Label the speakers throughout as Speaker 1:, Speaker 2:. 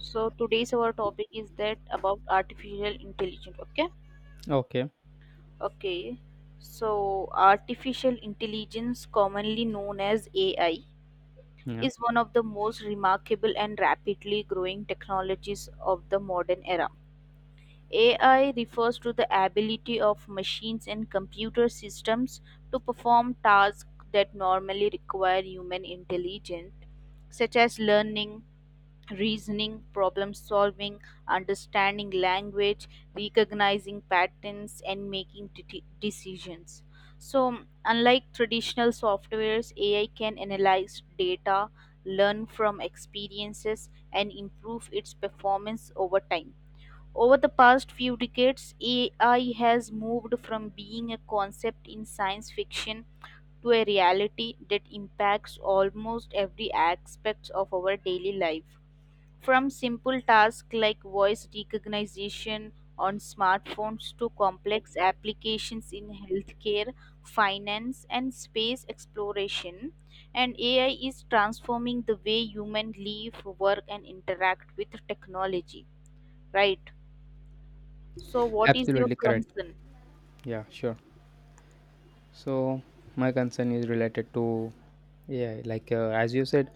Speaker 1: So today's our topic is that about artificial intelligence. Okay,
Speaker 2: Okay.
Speaker 1: okay. So artificial intelligence, commonly known as AI,
Speaker 2: Yeah,
Speaker 1: is one of the most remarkable and rapidly growing technologies of the modern era. AI refers to the ability of machines and computer systems to perform tasks that normally require human intelligence, such as learning, reasoning, problem solving, understanding language, recognizing patterns, and making decisions. So, unlike traditional softwares, AI can analyze data, learn from experiences, and improve its performance over time. Over the past few decades, AI has moved from being a concept in science fiction to a reality that impacts almost every aspect of our daily life. From simple tasks like voice recognition on smartphones to complex applications in healthcare, finance, and space exploration, and AI is transforming the way humans live, work, and interact with technology. Right? So, what is your
Speaker 2: absolutely correct.
Speaker 1: concern?
Speaker 2: Yeah, sure. So my concern is related to yeah, like as you said,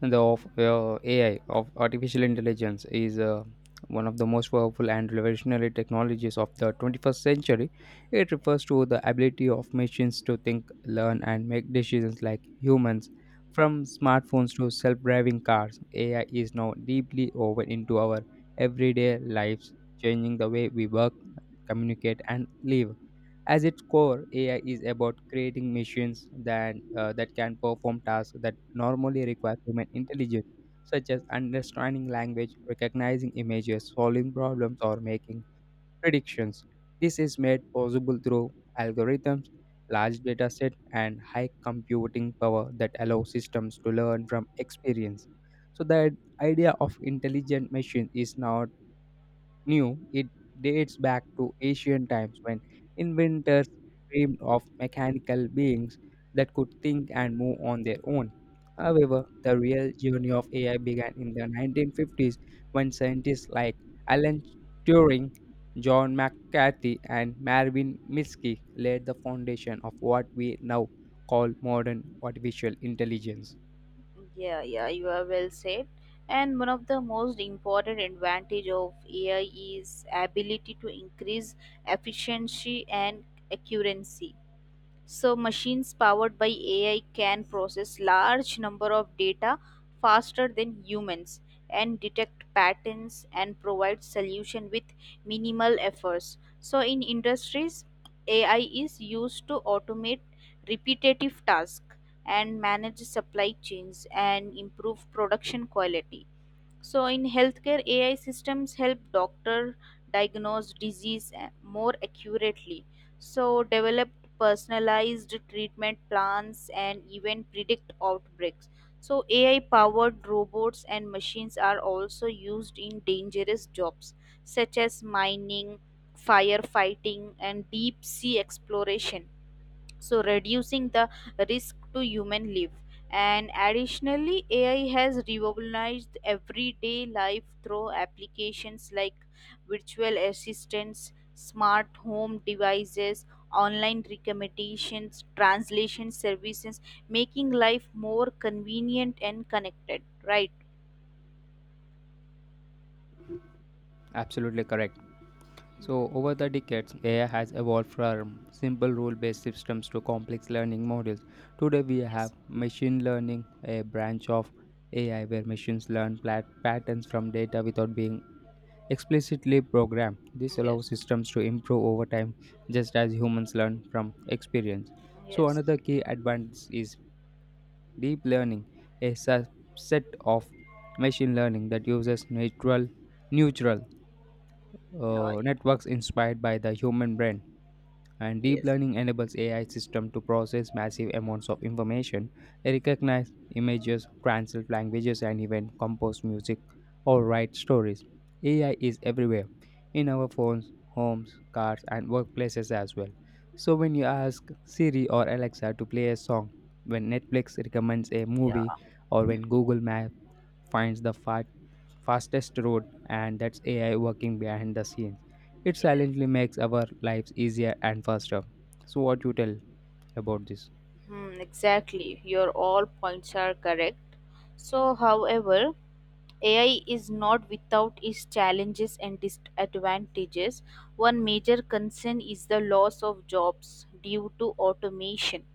Speaker 2: the of AI of artificial intelligence is one of the most powerful and revolutionary technologies of the 21st century. It refers to the ability of machines to think, learn, and make decisions like humans. From smartphones to self-driving cars, AI is now deeply woven into our everyday lives, changing the way we work, communicate, and live. As its core, AI is about creating machines that can perform tasks that normally require human intelligence, such as understanding language, recognizing images, solving problems, or making predictions. This is made possible through algorithms, large data set, and high computing power that allow systems to learn from experience. So the idea of intelligent machine is not knew it dates back to ancient times when inventors dreamed of mechanical beings that could think and move on their own. However, the real journey of AI began in the 1950s when scientists like Alan Turing, John McCarthy, and Marvin Minsky laid the foundation of what we now called modern artificial intelligence.
Speaker 1: Yeah, yeah, you are well said. And one of the most important advantage of AI is ability to increase efficiency and accuracy. So machines powered by AI can process large number of data faster than humans and detect patterns and provide solution with minimal efforts. So in industries, AI is used to automate repetitive tasks and manage supply chains and improve production quality. So, in healthcare, AI systems help doctor diagnose more accurately. So, develop personalized treatment plans and even predict outbreaks. So, AI powered robots and machines are also used in dangerous jobs such as mining, firefighting, and deep sea exploration, so reducing the risk to human life. And additionally, AI has revolutionized everyday life through applications like virtual assistants, smart home devices, online recommendations, translation services, making life more convenient and connected. Right?
Speaker 2: Absolutely correct. So, over the decades, AI has evolved from simple rule based systems to complex learning models. Today, we have machine learning, a branch of AI where machines learn patterns from data without being explicitly programmed. This allows
Speaker 1: Yes.
Speaker 2: systems to improve over time just as humans learn from experience. So,
Speaker 1: Yes.
Speaker 2: another key advantage is deep learning, a subset of machine learning that uses natural neural
Speaker 1: Oh, yeah.
Speaker 2: networks inspired by the human brain, and deep
Speaker 1: Yes.
Speaker 2: learning enables AI system to process massive amounts of information, recognize images, translate languages, and even compose music or write stories. AI is everywhere in our phones, homes, cars, and workplaces as well. So when you ask Siri or Alexa to play a song, when Netflix recommends a movie,
Speaker 1: Yeah,
Speaker 2: or when Google Maps finds the fastest road, and that's AI working behind the scenes. It
Speaker 1: yeah.
Speaker 2: silently makes our lives easier and faster. So, what you tell about this?
Speaker 1: Hmm, exactly, your all points are correct. So however, AI is not without its challenges and disadvantages. One major concern is the loss of jobs due to automation.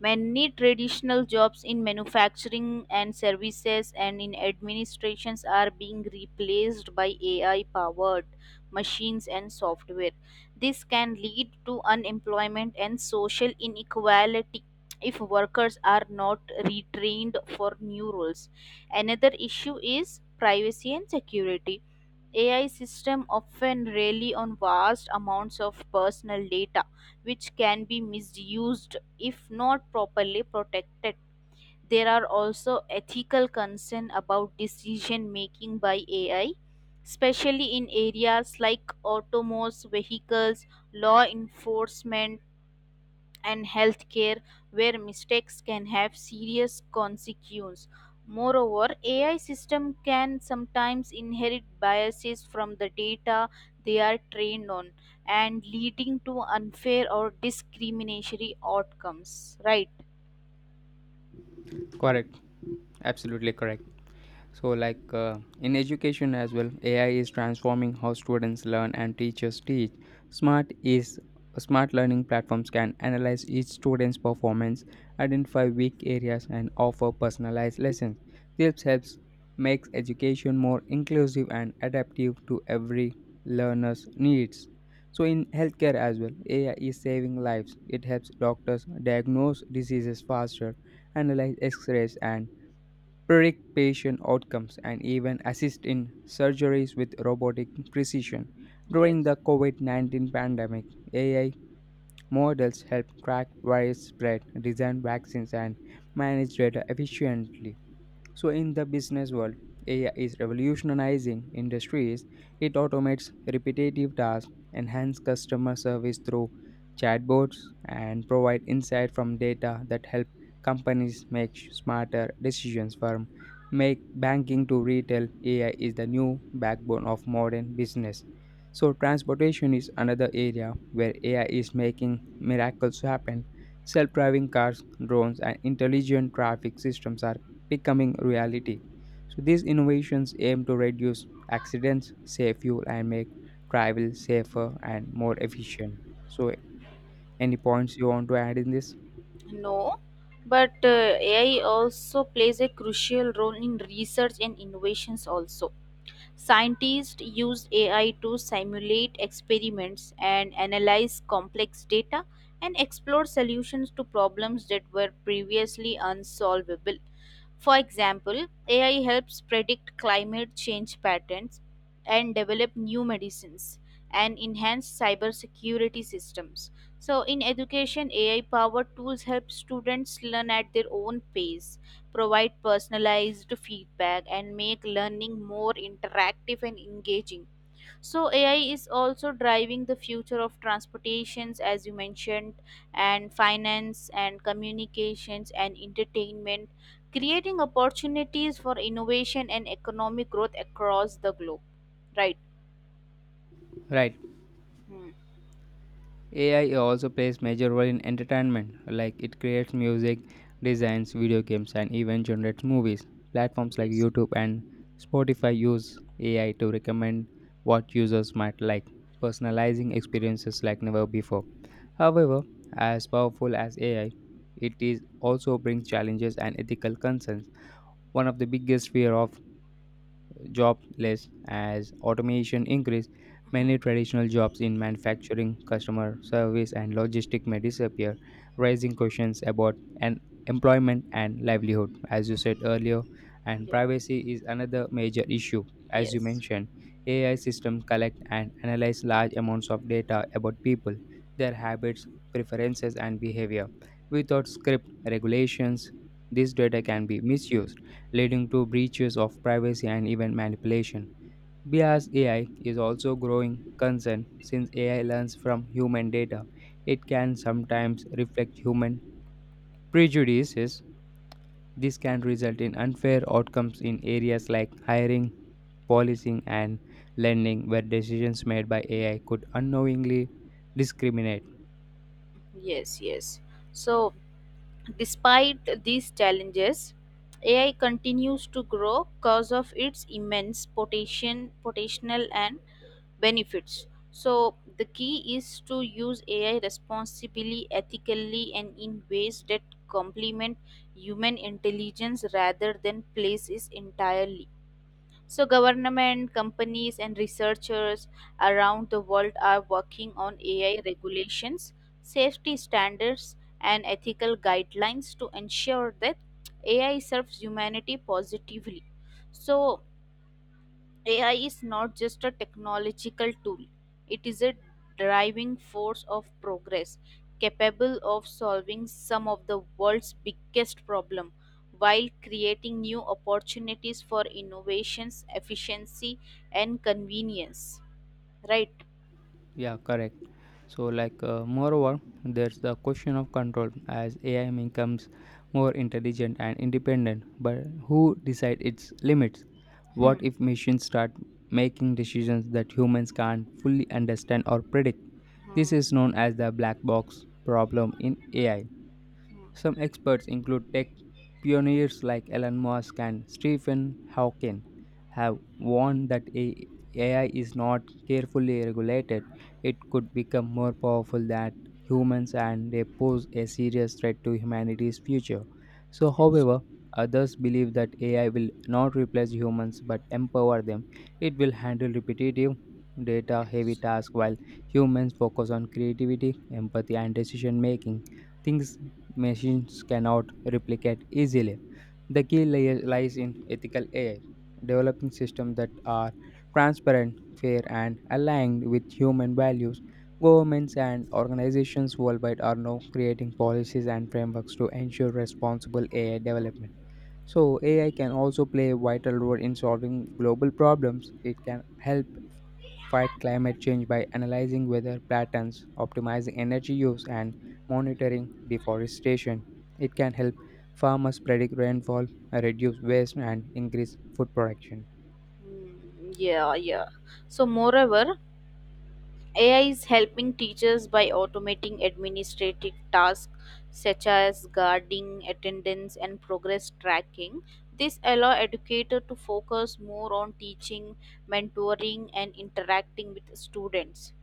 Speaker 1: Many traditional jobs in manufacturing and services and in administrations are being replaced by AI powered machines and software. This can lead to unemployment and social inequality if workers are not retrained for new roles. Another issue is privacy and security. AI systems often rely on vast amounts of personal data, which can be misused if not properly protected. There are also ethical concerns about decision making by AI, especially in areas like autonomous vehicles, law enforcement, and healthcare, where mistakes can have serious consequences. Moreover, AI systems can sometimes inherit biases from the data they are trained on and leading to unfair or discriminatory outcomes. Right?
Speaker 2: Correct, absolutely correct. So, like in education as well, AI is transforming how students learn and teachers teach. Smart is Smart learning platforms can analyze each student's performance, identify weak areas, and offer personalized lessons. This helps makes education more inclusive and adaptive to every learner's needs. So, in healthcare as well, AI is saving lives. It helps doctors diagnose diseases faster, analyze X-rays, and predict patient outcomes, and even assist in surgeries with robotic precision. During
Speaker 1: Yes.
Speaker 2: the COVID 19 pandemic, AI models help track virus spread, design vaccines, and manage data efficiently. So, in the business world, AI is revolutionizing industries. It automates repetitive tasks, enhances customer service through chatbots, and provide insight from data that help companies make smarter decisions. From make banking to retail, AI is the new backbone of modern business. So, transportation is another area where AI is making miracles happen. Self driving cars, drones, and intelligent traffic systems are becoming reality. So these innovations aim to reduce accidents, save fuel, and make travel safer and more efficient. So any points you want to add in this?
Speaker 1: No, but AI also plays a crucial role in research and innovations also. Scientists use AI to simulate experiments and analyze complex data and explore solutions to problems that were previously unsolvable. For example, AI helps predict climate change patterns and develop new medicines and enhance cybersecurity systems. So, in education, AI powered tools help students learn at their own pace, provide personalized feedback, and make learning more interactive and engaging. So, AI is also driving the future of transportations, as you mentioned, and finance, and communications, and entertainment, creating opportunities for innovation and economic growth across the globe. Right?
Speaker 2: Right.
Speaker 1: Hmm.
Speaker 2: AI also plays major role in entertainment, like it creates music, designs video games, and even generates movies. Platforms like
Speaker 1: Yes.
Speaker 2: YouTube and Spotify use AI to recommend what users might like, personalizing experiences like never before. However, as powerful as AI, it is also brings challenges and ethical concerns. One of the biggest fear of jobless as automation increase, many
Speaker 1: Hmm.
Speaker 2: traditional jobs in manufacturing customer service and logistics may disappear, raising questions about an employment and livelihood as you said earlier. And
Speaker 1: Yeah.
Speaker 2: privacy is another major issue, as you
Speaker 1: Yes.
Speaker 2: mentioned, AI systems collect and analyze large amounts of data about people, their habits, preferences and behavior. Without script regulations, this data can be misused, leading to breaches of privacy and even manipulation. BIAS AI is also growing concern since AI learns from human data. It can sometimes reflect human prejudices. This can result in unfair outcomes in areas like hiring,
Speaker 1: Yeah.
Speaker 2: policing, and lending, where decisions made by AI could unknowingly discriminate.
Speaker 1: Yes. Yes. So, despite these challenges, AI continues to grow because of its immense potential and benefits. So, the key is to use AI responsibly, ethically, and in ways that complement human intelligence rather than place it entirely. So, government, companies, and researchers around the world are working on AI regulations, safety standards, and ethical guidelines to ensure that AI serves humanity positively. So, AI is not just a technological tool, it is a driving force of progress, capable of solving some of the world's biggest problems while creating new opportunities for innovations, efficiency, and convenience. Right?
Speaker 2: Yeah, correct. So, like, moreover, there's the question of control as AI becomes more intelligent and independent. But who decide its limits? What
Speaker 1: Hmm.
Speaker 2: if machines start making decisions that humans can't fully understand or predict? This is
Speaker 1: Hmm.
Speaker 2: known as the black box problem in AI.
Speaker 1: Hmm.
Speaker 2: Some experts include tech pioneers like Elon Musk and Stephen Hawking have warned that AI is not carefully regulated, it could become more powerful than humans and they pose a serious threat to humanity's future. So,
Speaker 1: Yes,
Speaker 2: however, others believe that AI will not replace humans but empower them. It will handle repetitive, data heavy
Speaker 1: yes.
Speaker 2: tasks while humans focus on creativity, empathy, and decision making things machines cannot replicate easily. The key lies in ethical AI, developing systems that are transparent, fair, and aligned with human values. Governments and organizations worldwide are now creating policies and frameworks to ensure responsible AI development. So, AI can also play a vital role in solving global problems. It can help fight climate change by analyzing weather patterns, optimizing energy use, and monitoring deforestation. It can help farmers predict rainfall, reduce waste, and increase food production.
Speaker 1: Hmm. Yeah, yeah. So, moreover, AI is helping teachers by automating administrative tasks such as guarding attendance and progress tracking. This allow educator to focus more on teaching, mentoring and interacting with students.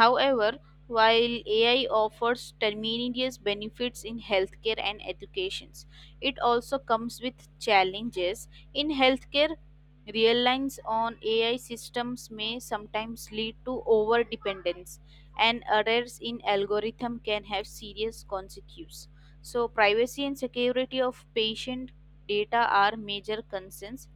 Speaker 1: However, while AI offers tremendous benefits in healthcare and education, it also comes with challenges. In healthcare, reliance on AI systems may sometimes lead to over dependence, and errors in algorithm can have serious consequences. So, privacy and security of patient data are major concerns,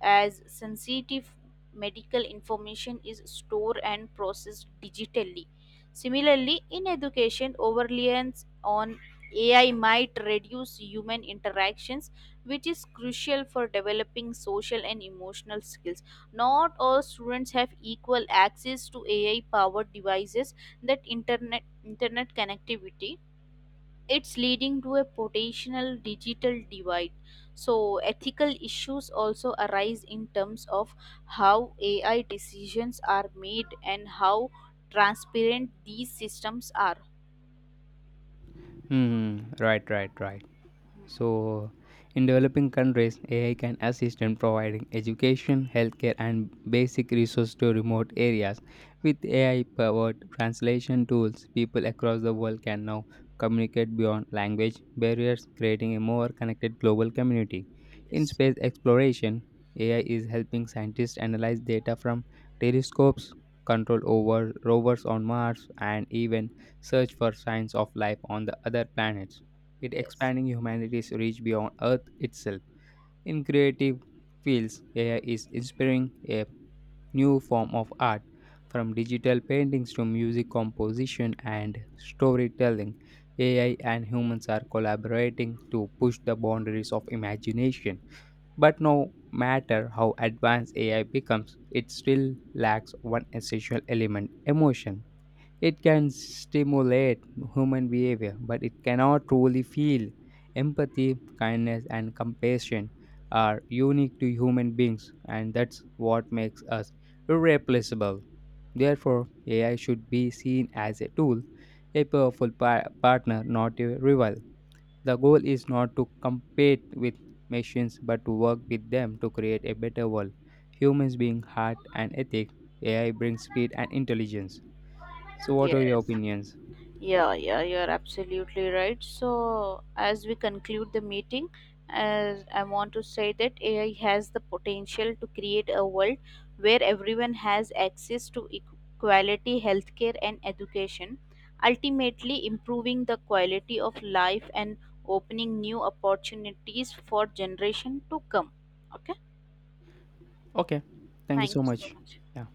Speaker 1: as sensitive medical information is stored and processed digitally. Similarly, in education, overreliance on AI might reduce human interactions, which is crucial for developing social and emotional skills. Not all students have equal access to AI powered devices that internet connectivity, it's leading to a potential digital divide. So, ethical issues also arise in terms of how AI decisions are made and how transparent these systems are.
Speaker 2: Hmm, right, right, right.
Speaker 1: Hmm.
Speaker 2: So, in developing countries, AI can assist in providing education, healthcare, and basic resources to remote areas. With AI powered translation tools, people across the world can now communicate beyond language barriers, creating a more connected global community. In
Speaker 1: Yes,
Speaker 2: space exploration, AI is helping scientists analyze data from telescopes, control over rovers on Mars, and even search for signs of life on the other planets, it
Speaker 1: yes,
Speaker 2: expanding humanity's reach beyond Earth itself. In creative fields, AI is inspiring a new form of art, from digital paintings to music composition and storytelling. AI and humans are collaborating to push the boundaries of imagination. But no matter how advanced AI becomes, it still lacks one essential element emotion. It can stimulate human behavior, but it cannot truly feel. Empathy, kindness, and compassion are unique to human beings, and that's what makes us irreplaceable. Therefore, AI should be seen as a tool, a powerful partner, not a rival. The goal is not to compete with machines, but to work with them to create a better world. Humans being heart and ethics, AI brings speed and intelligence. So, what are your
Speaker 1: yes.
Speaker 2: opinions?
Speaker 1: Yeah, yeah, you're absolutely right. So, as we conclude the meeting, as I want to say that AI has the potential to create a world where everyone has access to quality healthcare and education, ultimately improving the quality of life and opening new opportunities for generation to come. Okay,
Speaker 2: Okay. Thank you
Speaker 1: thank
Speaker 2: so
Speaker 1: you so
Speaker 2: much.
Speaker 1: much.
Speaker 2: Yeah.